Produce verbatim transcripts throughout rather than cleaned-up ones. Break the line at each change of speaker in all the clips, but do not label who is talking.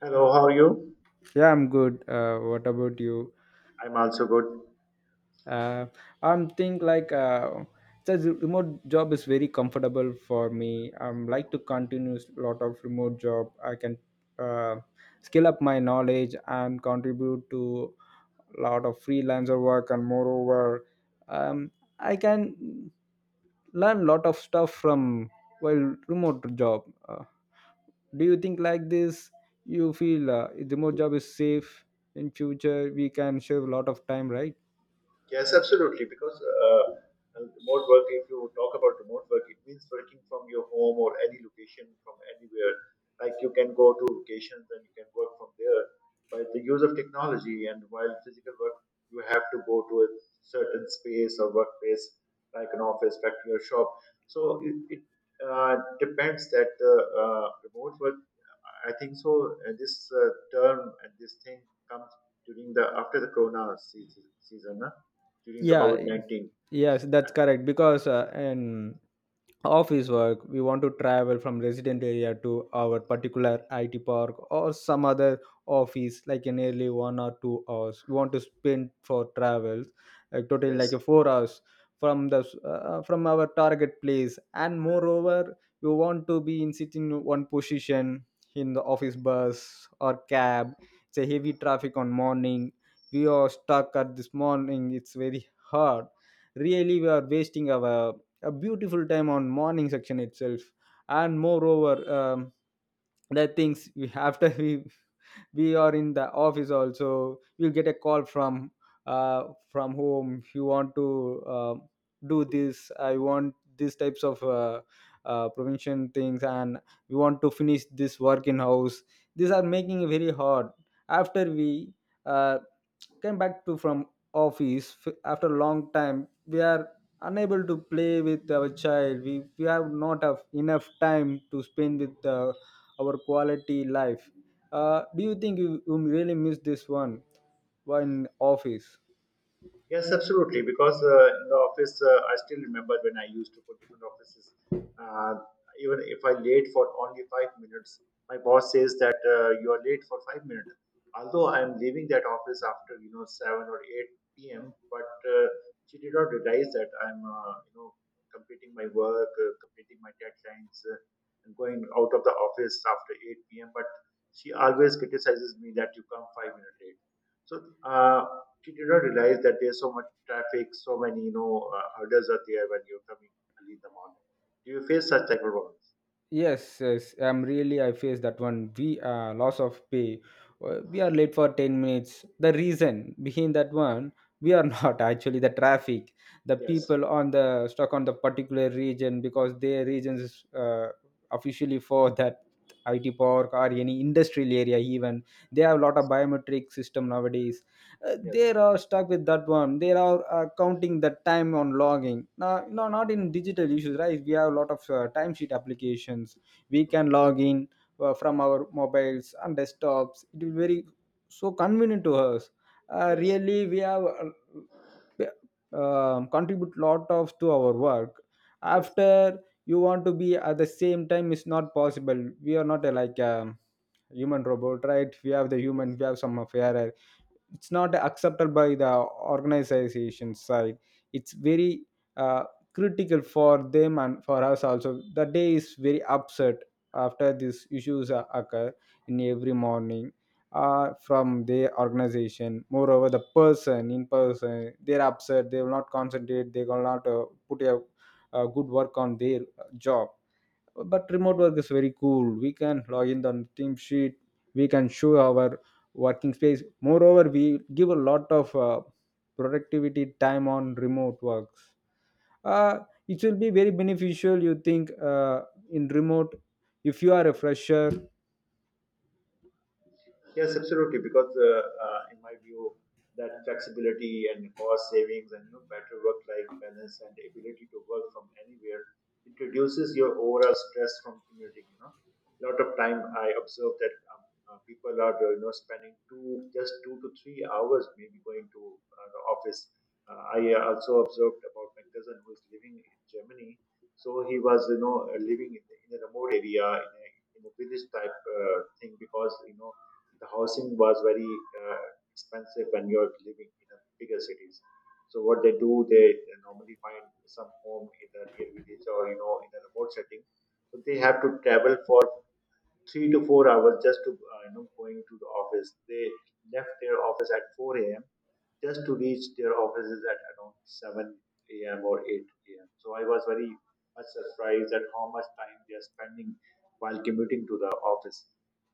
Hello, how are you?
Yeah, I'm good. Uh, what about you?
I'm also good.
Uh, I'm think like uh, says remote job is very comfortable for me. I'm like to continue a lot of remote job. I can uh, scale up my knowledge and contribute to a lot of freelancer work and moreover, um, I can learn lot of stuff from while remote job. Uh, do you think like this you feel uh, remote job is safe in future we can save a lot of time, right?
Yes, absolutely. Because uh, uh, remote work, if you talk about remote work, it means working from your home or any location from anywhere. Like you can go to locations and you can work from there. By the use of technology and while physical work, you have to go to a certain space or workplace, like an office, factory, or shop. So it, it uh, depends that the uh, remote work I think so. Uh, this uh, term and this thing comes during the after the Corona season, season uh, during the
Yeah.
COVID nineteen.
Yes, that's correct. Because uh, in office work, we want to travel from resident area to our particular I T park or some other office, like in nearly one or two hours. We want to spend for travels, like totally like
Yes.
a four hours from the uh, uh, from our target place. And moreover, we want to be in sitting in one position in the office bus or cab. It's a heavy traffic on morning. We are stuck at this morning. It's very hard, really we are wasting our a beautiful time on morning section itself, and moreover um, the things we after we we are in the office also you'll get a call from uh, from home you want to uh, do this, I want these types of uh, uh, prevention things and we want to finish this work in house. These are making it very hard after we uh, came back to from office f- after a long time we are unable to play with our child. We, we have not have enough time to spend with uh, our quality life. Uh, do you think you, you really miss this one in office?
Yes, absolutely. Because uh, in the office, uh, I still remember when I used to go different offices. Uh, Even if I late for only five minutes, my boss says that uh, you are late for five minutes. Although I am leaving that office after you know seven or eight p m, but uh, she did not realize that I'm uh, you know completing my work, uh, completing my deadlines, uh, and going out of the office after eight p m. But she always criticizes me that you come five minutes late. So uh, she did not realize that there's so much traffic, so many you know uh, hurdles are there when you're coming early in the morning. Do you face such type of problems?
Yes, yes, I'm really I face that one. We uh, loss of pay. Uh, We are late for ten minutes. The reason behind that one, we are not actually the traffic. The
Yes,
people on the stuck on the particular region because their region is uh, officially for that I T park or any industrial area even. They have a lot of
yes,
biometric system nowadays. Uh, they
yes,
are stuck with that one. They are uh, counting the time on logging now. No, not in digital issues, right? We have a lot of uh, timesheet applications. We can log in uh, from our mobiles and desktops. It is very so convenient to us. Uh,
yes,
really we have uh, um, contribute lot of to our work
yes,
after you want to be at the same time is not possible. We are not a, like a human robot, right? We have the
yes.
human, we have some of error. It's not accepted by the organization side. It's very uh, critical for them and for us also. The day is very upset after these issues are- occur in every morning uh, from their organization. Moreover, the person in person they're upset, they will not concentrate, they will not uh, put a, a good work on their uh, job. But remote work is very cool. We can log in on team sheet, we can show our working space. Moreover, we give a lot of uh, productivity time on remote works. uh, it will be very beneficial. You think uh, in remote if you are a fresher?
Yes, absolutely. Because uh, uh, in my view, that flexibility and cost savings and you know, better work-life balance and the ability to work from anywhere, it reduces your overall stress from commuting. You know, a lot of time I observe that um, uh, people are uh, you know spending two just two to three hours maybe going to uh, the office. Uh, I uh, also observed about my cousin who is living in Germany. So he was you know uh, living in, the, in a remote area in a, in a village type uh, thing because you know the housing was very uh, expensive when you're living in the bigger cities. So what they do, they normally find some home in the near village or you know in a remote setting. So they have to travel for three to four hours just to uh, you know going to the office. They left their office at four a m just to reach their offices at around seven a m or eight a m. So I was very much surprised at how much time they are spending while commuting to the office.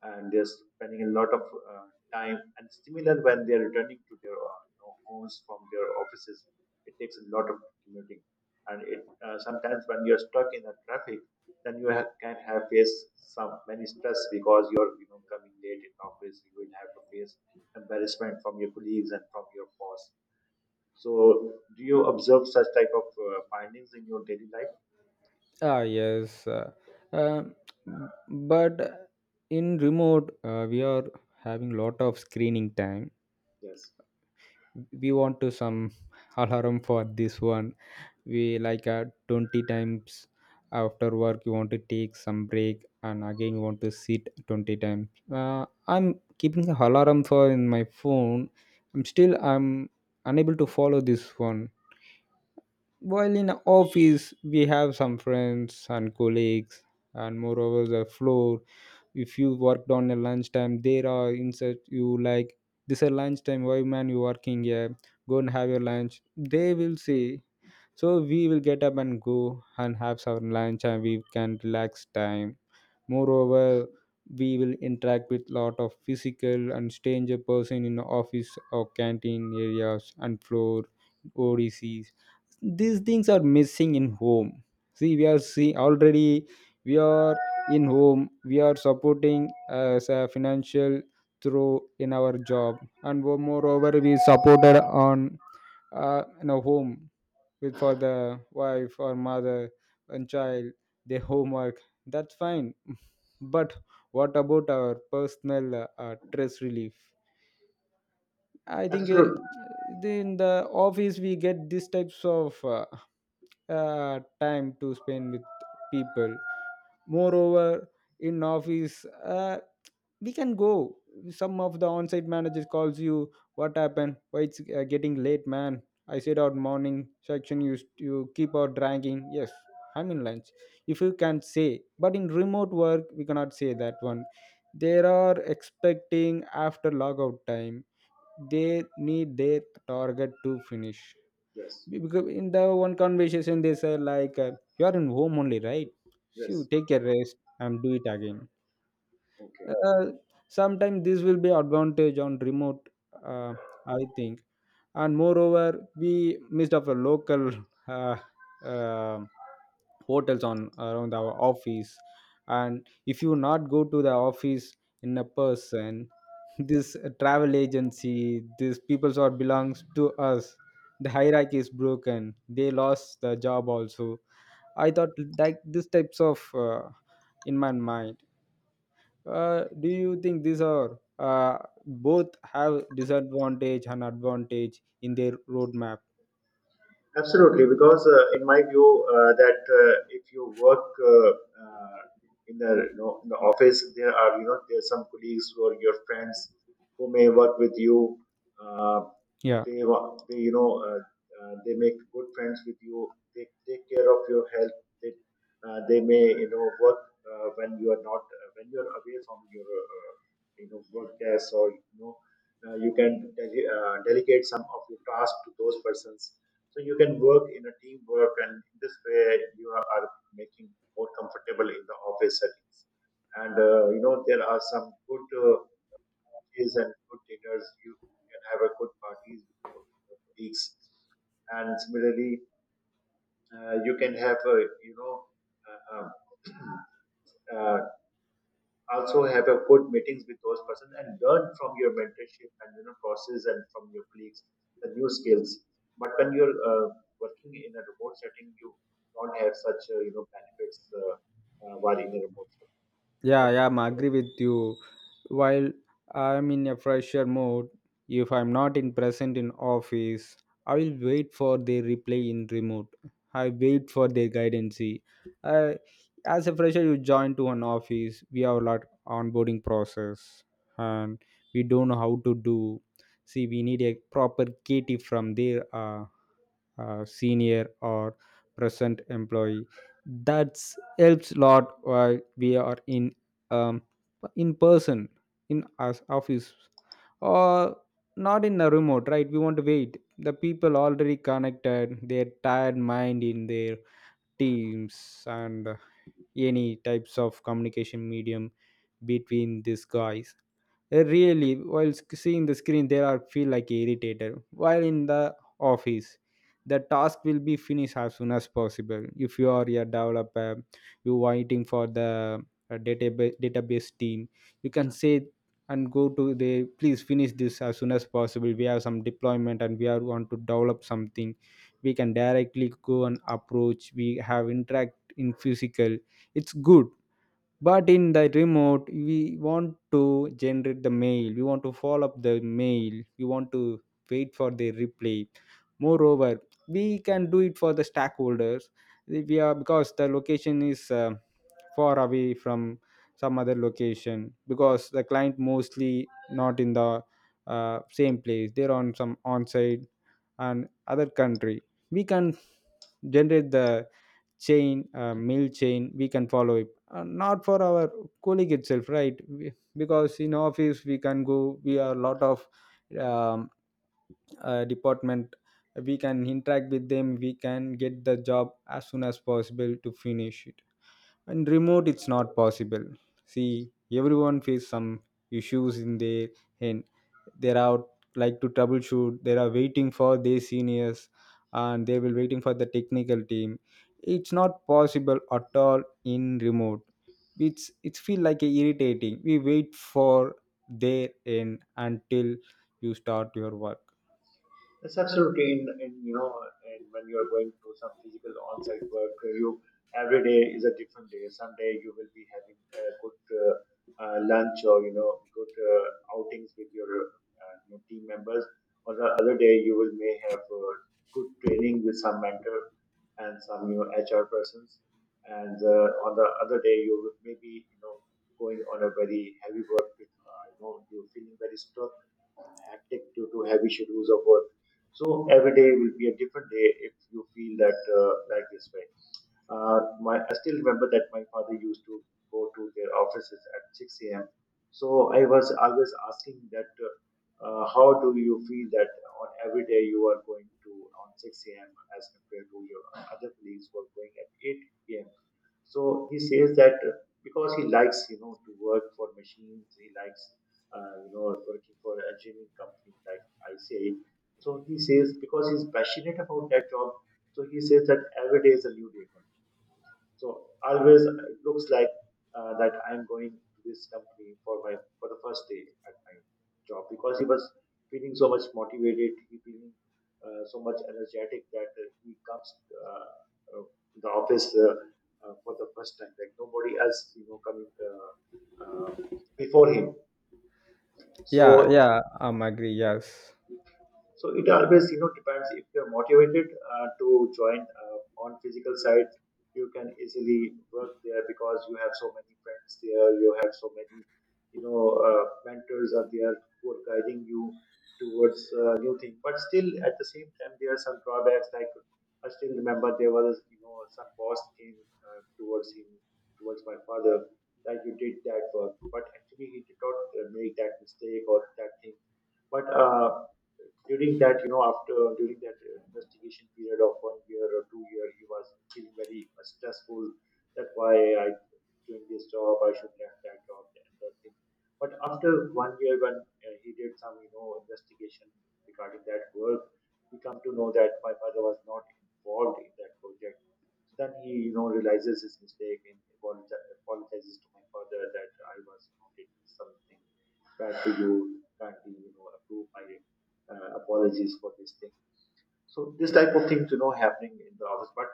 And they're spending a lot of uh, time. And similar when they're returning to their uh, you know, homes from their offices, it takes a lot of commuting. And it uh, sometimes when you're stuck in the traffic, then you ha- can have face some many stress because you're you know coming late in office. You will have to face embarrassment from your colleagues and from your boss. So, do you observe such type of uh, findings in your daily life?
ah Yes. uh, um, b- but in remote uh, we are having lot of screening time.
Yes.
We want to some alarm for this one. We like uh, twenty times after work you want to take some break and again you want to sit twenty times. uh, I'm keeping a alarm for in my phone. I'm still i'm unable to follow this one. While in office we have some friends and colleagues, and moreover the floor, if you worked on a lunchtime there are insert you like, this is lunchtime, why man you working here, go and have your lunch, they will say. So we will get up and go and have some lunch and we can relax time. Moreover, we will interact with lot of physical and stranger person in office or canteen areas and floor O D Ms. These things are missing in home. See, we are see already we are in home. We are supporting as a financial through in our job, and wo- moreover we supported on uh, in a home with for the wife or mother and child, their homework. That's fine. But what about our personal uh, uh, stress relief? I think uh,
Absolutely.
in the office we get these types of uh, uh, time to spend with people. Moreover, in office uh, we can go, some of the on-site managers calls you, what happened, why it's uh, getting late man, I said out morning section you you keep out dragging, yes I'm in lunch, if you can say. But in remote work we cannot say that one. They are expecting after logout time they need their target to finish.
Yes.
Be- because in the one conversation they say like uh, you are in home only, right? So you
Yes.
take a rest and do it again.
Okay.
uh, Sometimes this will be advantage on remote. uh, I think. And moreover we missed up the local uh, uh, hotels on around our office, and if you not go to the office in a person this travel agency, these peoples are belongs to us, the hierarchy is broken, they lost the job also. I thought like these types of uh, in my mind. Uh, do you think these are uh, both have disadvantage and advantage in their roadmap?
Absolutely, because uh, in my view, uh, that uh, if you work uh, uh, in the you know, in the office, there are you know there are some colleagues who are your friends who may work with you. Uh,
Yeah.
they wa- they you know uh, uh, they make good friends with you. They take care of your health. They uh, they may you know work uh, when you are not uh, when you are away from your uh, you know work desk or you know uh, you can dele- uh, delegate some of your tasks to those persons so you can work in a teamwork, and in this way you are are making more comfortable in the office settings. And uh, you know there are some good uh, lunches and good dinners. You can have a good parties with your your colleagues, and similarly, uh, you can have a you know uh, uh, uh, also have a good meetings with those persons and learn from your mentorship and you know process and from your colleagues the new skills but when you're uh, working in a remote setting you don't have such uh, you know benefits uh, uh, while in a remote setting but
Yeah, yeah, I'm agree with you. While I'm in a fresher mode, if I'm not in present in office, I will wait for their reply in remote. I wait for their guidance. Uh, as a fresher, you join to an office. We have a lot onboarding process, and we don't know how to do. See, we need a proper K T from there. Uh, uh, senior or present employee, that's helps a lot while we are in um, in person in us office or not in a remote, right? We want to wait. The people already connected their tired mind in their teams and any types of communication medium between these guys. Uh, really while sc- seeing the screen there are feel like irritated. While in the office, the task will be finished as soon as possible. If you are a developer, you waiting for the uh, database database team, you can say and go to the please finish this as soon as possible, we have some deployment and we are want to develop something, we can directly go and approach, we have interact in physical, it's good. But in the remote we want to generate the mail, we want to follow up the mail, we want to wait for the replay. Moreover, we can do it for the stakeholders. We are because the location is uh, far away from some other location, because the client mostly not in the uh, same place, they're on some on-site and other country. We can generate the chain uh, meal chain, we can follow it uh, not for our colleague itself, right? We- because in office we can go, we are lot of um, uh, department, we can interact with them, we can get the job as soon as possible to finish it. And remote it's not possible. See, everyone face some issues in their hand, they're out like to troubleshoot, they are waiting for their seniors, and they will waiting for the technical team. It's not possible at all in remote. It's it's feel like a irritating, we wait for their end until you start your work.
It's absolutely in, in you know, and when you are going to some physical on-site work, uh, you every day is a different day. Someday you will be having a good uh, uh, lunch or you know good uh, outings with your uh, you know, team members, On the other day you will may have uh, good training with some mentor and some you know H R persons, and uh, on the other day you will maybe you know going on a very heavy work with uh, you know you're feeling very stuck, hectic due to heavy schedules of work so every day will be a different day if you feel that uh, like this way. Uh, my I still remember that my father used to go to their offices at six a m. So I was always asking that uh, uh, how do you feel that on every day you are going to on six a m as compared to your other colleagues who are going at eight a m. So he says that uh, because he likes, you know, to work for machines, he likes, uh, you know, working for a engineering company like I C A. So he says, because he's passionate about that job, so he says that every day is a new day for me. So always it looks like uh, that I'm going to this company for my for the first day at my job because he was feeling so much motivated, he feeling uh, so much energetic that uh, he comes uh, uh, to the office uh, uh, for the first time, like nobody else, you know, coming uh, uh, before him.
Yeah,
So
yeah, I'm agree, yes.
So it always, you know, depends if you're motivated uh, to join uh, on physical side, you can easily work there because you have so many friends there, you have so many, you know, uh, mentors are there who are guiding you towards uh, new thing. But still, at the same time, there are some drawbacks. Like I still remember there was, you know, some boss came uh, towards him, towards my father, that you did that work, but actually he did not uh, make that mistake or that thing. But uh, during that, you know, after during that uh, investigation period of one year or two year, he was feeling very uh, stressful. That why I doing this job, I should left that job and that thing. But after one year, when uh, he did some, you know, investigation regarding that work, we come to know that my father was not involved in that project. So then he, you know, realizes his mistake and apologi- apologizes to my father that I was, you know, did something bad to you, kindly, you know, approve my uh, apologies for this thing. So this type of things, you know, happening in the office, but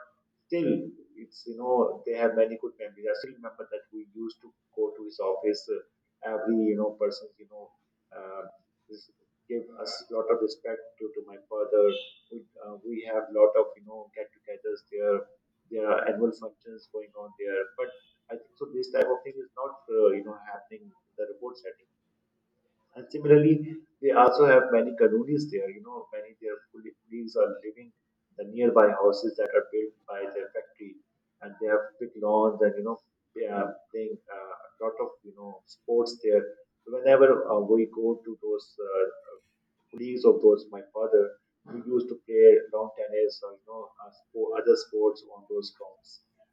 still, it's you know, they have many good memories. I still remember that we used to go to his office. Uh, every you know person, you know, uh, this give us lot of respect due to my father. We uh, we have lot of you know get-togethers there. There are annual functions going on there, but I think so. This type of thing is not uh, you know happening in the remote setting. And similarly, they also have many colonies there. You know, many their col- colleagues are living in the nearby houses that are built by their factory, and they have big lawns, and you know, they are playing uh, a lot of you know sports there. So whenever uh, we go to those uh, colleagues of those, my father, we used to play long tennis or you know uh, spo- other sports on those grounds.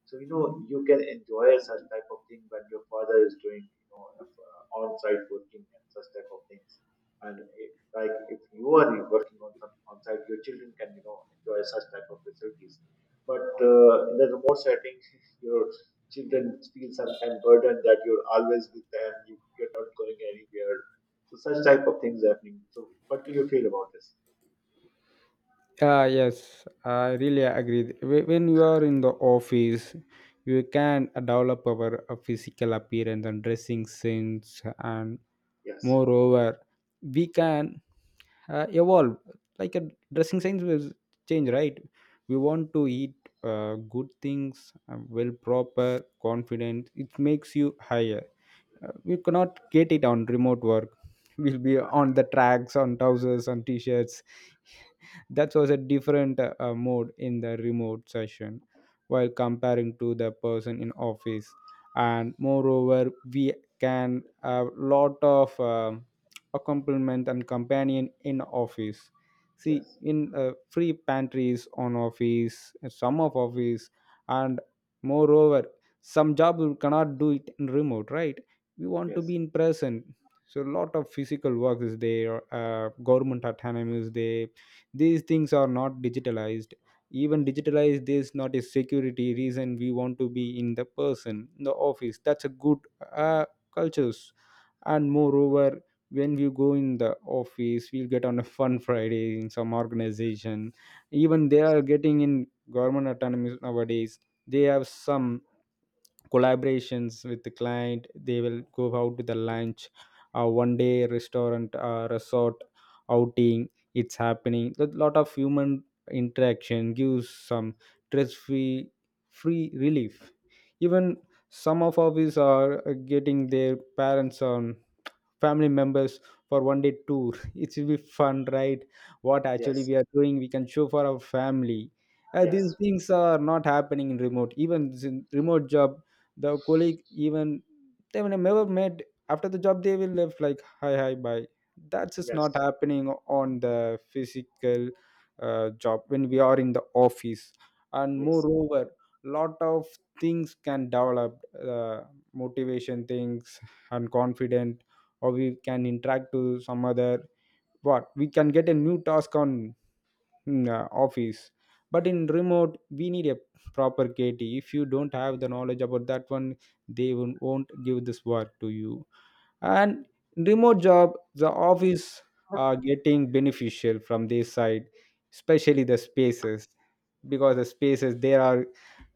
So you know you can enjoy such type of thing when your father is doing you know uh, on-site working and such type of things. And if, like if you are working on some on-site, your children can you know enjoy such type of facilities. But uh, in the remote setting, your children feel some kind of burden that you're always with them. You, you're not going anywhere. So such type of things happening. So what do you feel about this?
Yeah, yes, I really agree. Wh- When you are in the office, you can develop our uh, physical appearance and dressing sense, and
Yes.
moreover, we can uh, evolve. Like a dressing sense will change, right? We want to eat uh, good things, uh, well proper, confident. It makes you higher. Uh, we cannot get it on remote work. We'll be on the tracks, on trousers, on t-shirts. That was a different uh, uh, mode in the remote session while comparing to the person in office. And moreover, we can have lot of um accompaniment and companion in office, see
Yes.
in uh, free pantries on office, uh, some of office. And moreover, some job we cannot do it in remote, right? We want to
Yes.
be in person. So a lot of physical work is there, uh, government autonomy is there. These things are not digitalized. Even digitalized, this not a security reason, we want to be in the person in the office. That's a good uh, cultures. And moreover, when we go in the office we'll get on a fun Friday in some organization. Even they
Yes.
are getting in government autonomy nowadays. They have some collaborations with the client. They will go out to the lunch, uh, one day restaurant, uh, resort, outing. It's happening. A lot of human interaction gives some stress free, free relief. Even some of our is are uh, getting their parents on, family members, for one day tour. It will be fun, right? What actually
Yes.
we are doing, we can show for our family. Uh, these
Yes.
things are not happening in remote, even this in remote job. The colleague, even, they will never met. After the job they will left, like hi hi bye. That's just not
Yes.
happening on the physical uh, job when we are in the office. And
Yes.
moreover, lot of things can develop, uh, motivation things and confidence. Or we can interact to some other, what we can get a new task on in, uh, office. But in remote we need a proper kt. If you don't have the knowledge about that one, they won't won't give this work to you. And remote job, the office are getting beneficial from this side, especially the spaces. Because the spaces, they are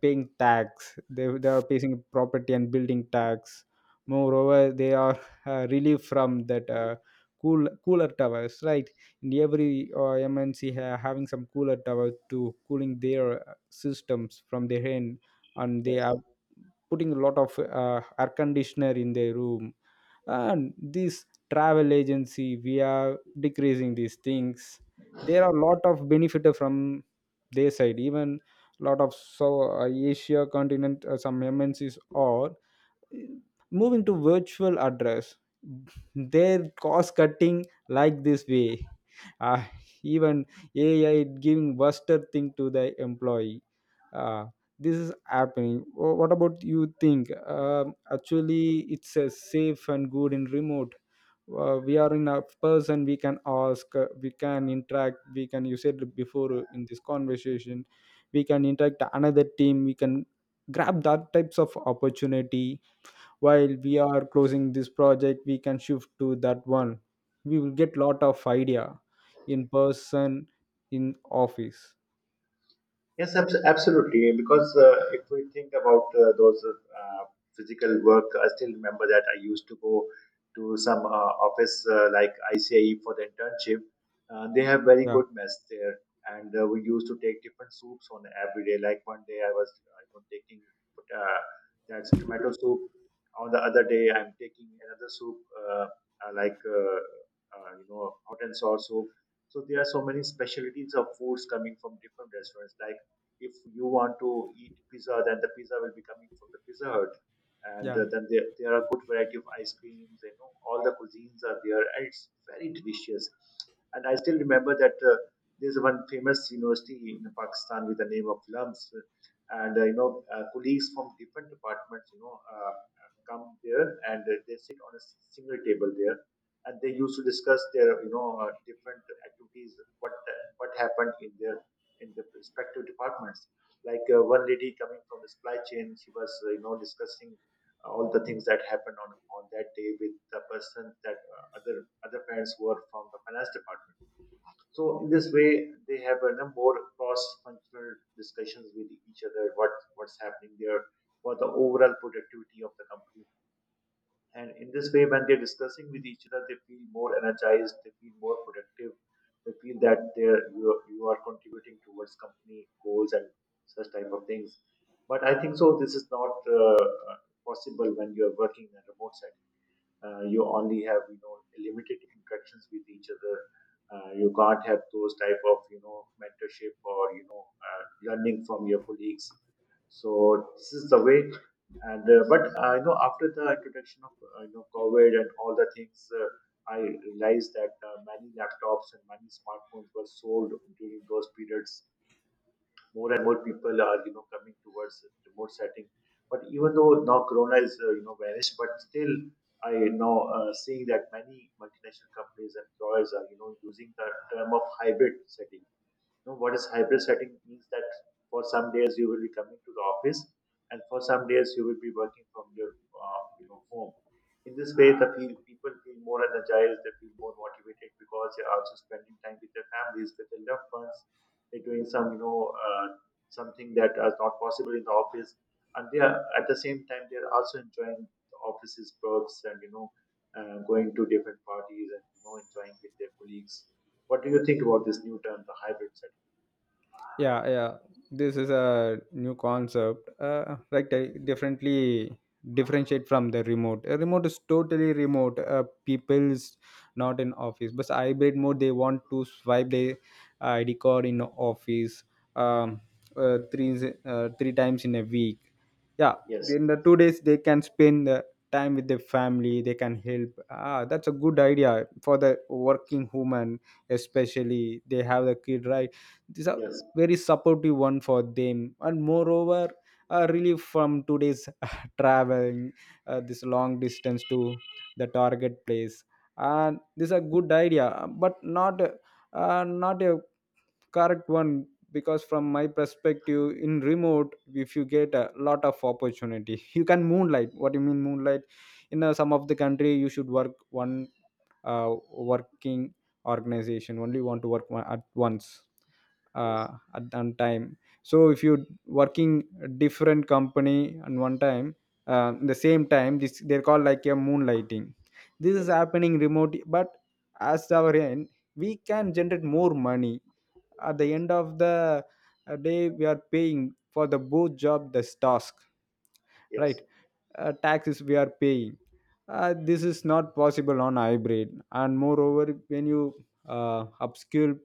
paying tax. They, they are paying property and building tax. Moreover, they are uh, relieved from that uh, cool cooler towers, right? In every uh, M N C ha- having some cooler tower to cooling their uh, systems from their end. And they
Yes
are putting a lot of uh, air conditioner in their room. And this travel agency, we are decreasing these things. There are a lot of benefit from their side. Even lot of so uh, Asia continent, uh, some M N C s are moving to virtual address, their cost cutting like this way. uh, Even A I giving buster thing to the employee. uh, this is happening. Wh- what about you think? Um actually, it's a safe and good in remote. Uh, we are in a person, we can ask, uh, we can interact, we can, you said before uh, in this conversation, we can interact another team, we can grab that types of opportunity. While we are closing this project, we can shift to that one. We will get lot of idea, in person, in office.
Yes, abs- absolutely. Because uh, if we think about uh, those uh, physical work, I still remember that I used to go to some uh, office uh, like I C I E for the internship. Uh, they have very
Yeah,
good mess there, and uh, we used to take different soups on every day. Like one day I was uh, you know, taking uh, that's tomato soup. On the other day, I'm taking another soup uh, uh, like uh, uh, you know, hot and sour soup. So there are so many specialties of foods coming from different restaurants. Like if you want to eat pizza, then the pizza will be coming from the Pizza Hut. And
yeah,
uh, then there, there are good variety of ice creams. You know, all the cuisines are there, and it's very delicious. And I still remember that uh, there's one famous university in Pakistan with the name of LUMS, and uh, you know, uh, colleagues from different departments, you know, uh, come there and uh, they sit on a s- single table there, and they used to discuss their, you know, uh, different activities, what what happened in their in the respective departments. Like uh, one lady coming from the supply chain, she was uh, you know discussing uh, all the things that happened on, on that day with the person that uh, other other parents were from the finance department. So in this way, they have a more cross-functional discussions with each other. What what's happening there for the overall productivity of the company, and in this way, when they're discussing with each other, they feel more energized, they feel more productive, they feel that they're, you, are- you are contributing towards company goals and such type of things. But I think so, this is not uh, possible when you are working in a remote setting. Uh, you only have, you know, limited interactions with each other. Uh, you can't have those type of, you know, mentorship or you know uh, learning from your colleagues. So this is the way. And uh, but uh, you know, after the introduction of uh, you know, COVID and all the things, uh, I realized that uh, many laptops and many smartphones were sold during those periods. More and more people are, you know, coming towards remote setting. But even though now Corona is uh, you know, vanished, but still I now uh, seeing that many multinational companies and employers are, you know, using the term of hybrid setting. Know what is hybrid setting means that for some days you will be coming to the office, and for some days you will be working from your uh, you know, home. In this way, the feel, people feel more energized, they feel more motivated, because they are also spending time with their families, with their loved ones. They're doing some you know uh, something that is not possible in the office. And they are, at the same time, they are also enjoying the office's perks, and you know uh, going to different parties and, you know, enjoying with their colleagues. What do you think about this new term, the hybrid setting?
yeah, yeah, this is a new concept. Uh, like di- differently, differentiate from the remote. A remote is totally remote, uh, people's not in office. But hybrid mode, they want to swipe their I D card in office um, uh, three uh, three times in a week. Yeah.
Yes,
In the two days they can spend the time with their family, they can help. Ah, that's a good idea for the working woman, especially they have a kid, right? These
yes,
very supportive one for them. And moreover, uh, relief from today's traveling, uh, this long distance to the target place. And this is a good idea, but not uh, not a correct one, because from my perspective, in remote if you get a lot of opportunity, you can moonlight. What do you mean moonlight? In uh, some of the country, you should work one, uh, working organization only want to work one- at once, uh,
yes,
at one time. So if you working different company and one time, uh, the same time, this they're called like a moonlighting. This is
yes,
happening remote. But as our end, we can generate more money. At the
yes,
end of the uh, day, we are paying for the both job, this task, right?
yes,
Uh, taxes we are paying. Uh, this is not possible on hybrid. And moreover, when you uh, upskill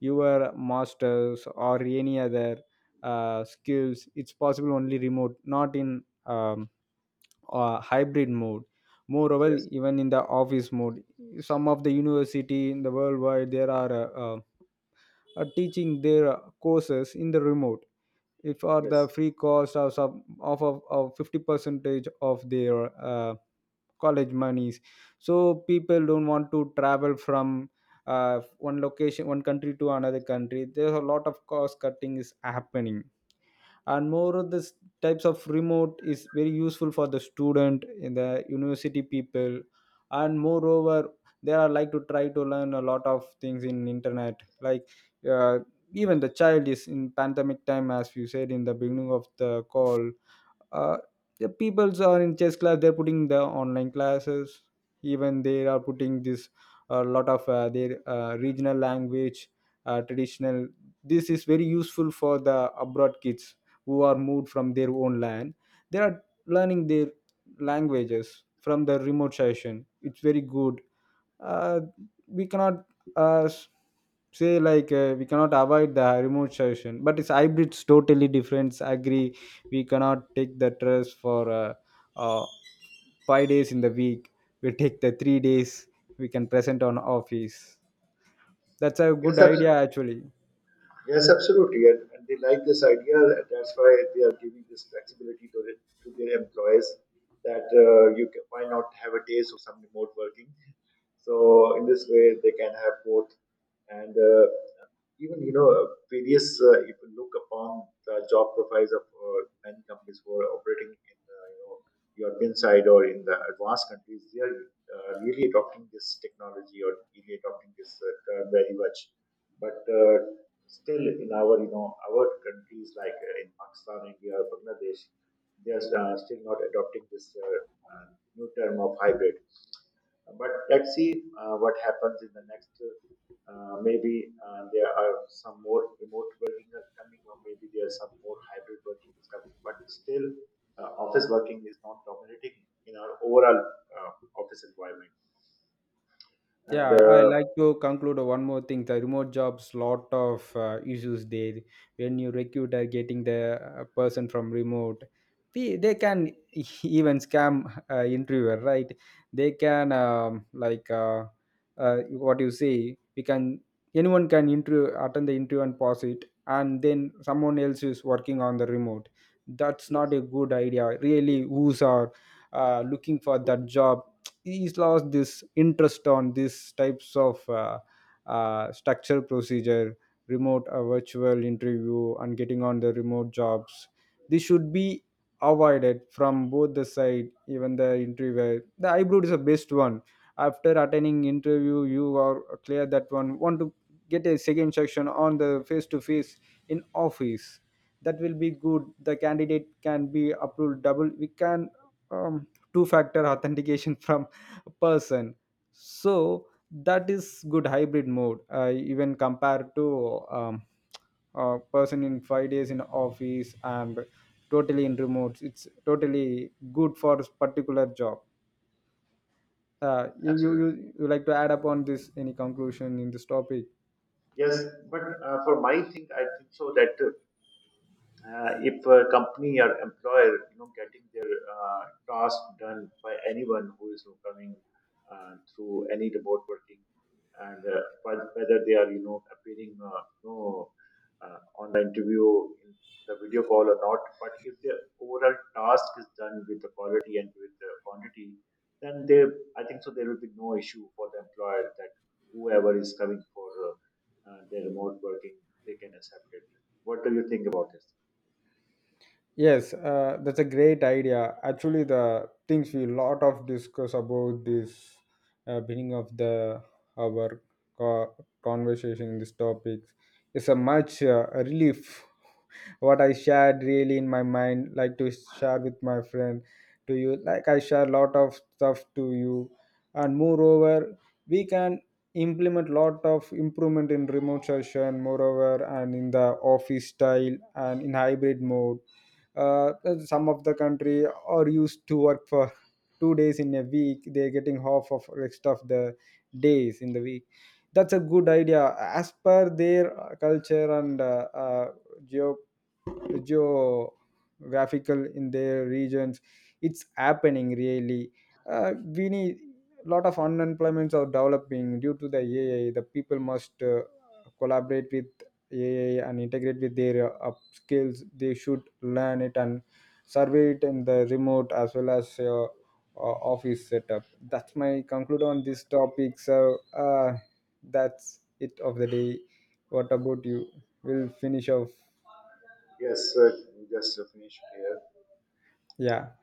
your masters or any other uh, skills, it's possible only remote, not in um, uh, hybrid mode. Moreover,
yes,
even in the office mode, some of the university in the worldwide, there are uh, uh, are teaching their courses in the remote, if are the
yes,
free cost of some of, of, of fifty percentage of their uh, college monies. So people don't want to travel from uh, one location, one country to another country. There's a lot of cost cutting is happening. And moreover, this types of remote is very useful for the student in the university people. And moreover, they are like to try to learn a lot of things in internet, like uh, even the child is in pandemic time, as you said in the beginning of the call. uh, the peoples are in chess class, they're putting the online classes. Even they are putting this, a lot of uh, their uh, regional language, uh, traditional. This is very useful for the abroad kids who are moved from their own land. They are learning their languages from the remote session. It's very good. uh, we cannot uh, s- say, like uh, we cannot avoid the remote session. But it's hybrids totally different, agree? We cannot take the trust for uh, uh, five days in the week. We take the three days, we can present on office. That's a good
yes,
idea
abs-
actually.
yes, absolutely. And, and they like this idea, and that's why they are giving this flexibility to, the, to their employees, that uh, you can, why not have a days of some remote working. So in this way, they can have both. And uh, even, you know, various uh, if you look upon the job profiles of uh, many companies who are operating in uh, you know, European side or in the advanced countries, they are uh, really adopting this technology or really adopting this uh, term very much. But uh, still, in our, you know, our countries like uh, in Pakistan, India, or Bangladesh, they are uh, still not adopting this uh, uh, new term of hybrid. But let's see uh, what happens in the next. Uh, maybe uh, there are some more remote working are coming, or maybe there are some more hybrid working is coming. But still, uh, office working is not dominating in our overall uh, office environment. And
Yeah, I
uh,
like to conclude one more thing. The remote jobs, lot of uh, issues there. When you recruit, are getting the uh, person from remote, they, they can even scam uh, interviewer, right? They can um, like uh, uh, what you say. We can, anyone can interview, attend the interview and pause it, and then someone else is working on the remote. That's not
yes,
a good idea. Really, who's are uh, looking for that job, he's lost this interest on these types of uh, uh, structure procedure, remote uh, virtual interview, and getting on the remote jobs. This should be avoided from both the side, even the interviewer. The hybrid is the best one. After attending interview, you are clear that one want to get a second section on the face to face in office. That will be good. The candidate can be approved double, we can um, two factor authentication from person. So that is good hybrid mode, uh, even compared to um, a person in five days in office and totally in remotes. It's totally good for this particular job. Uh, you, you you
absolutely.
you like to add up on this, any conclusion in this topic?
Yes, but uh, for my thing, I think so that uh, uh, if a company or employer, you know, getting their uh, task done by anyone who is coming uh, through any remote working, and uh, whe- whether they are, you know, appearing uh, you know, uh, on the interview in the video call or not, but if the overall task is done with the quality and with the quantity, then they, I think so, there will be no issue for the employer that whoever is coming for uh, uh, their remote working, they can accept it. What do you think about this?
Yes, uh, that's a great idea. Actually, the things we lot of discuss about this uh, beginning of the our co- conversation in this topic is a much uh, relief. What I shared really in my mind, like to share with my friend, to you, like I share lot of stuff to you. And moreover, we can implement lot of improvement in remote session, moreover, and in the office style and in hybrid mode. uh, some of the country are used to work for two days in a week, they're getting half of rest of the days in the week. That's a good idea as per their uh, culture and uh, uh, geo geographical in their regions. It's happening really. uh, we need, a lot of unemployments are developing due to the A I. The people must uh, collaborate with A I and integrate with their uh, up skills. They should learn it and survey it in the remote as well as uh, uh, office setup. That's my conclude on this topic. So uh, that's it of the day. What about you? We'll finish off.
Yes, sir. We just uh, finished here.
Yeah.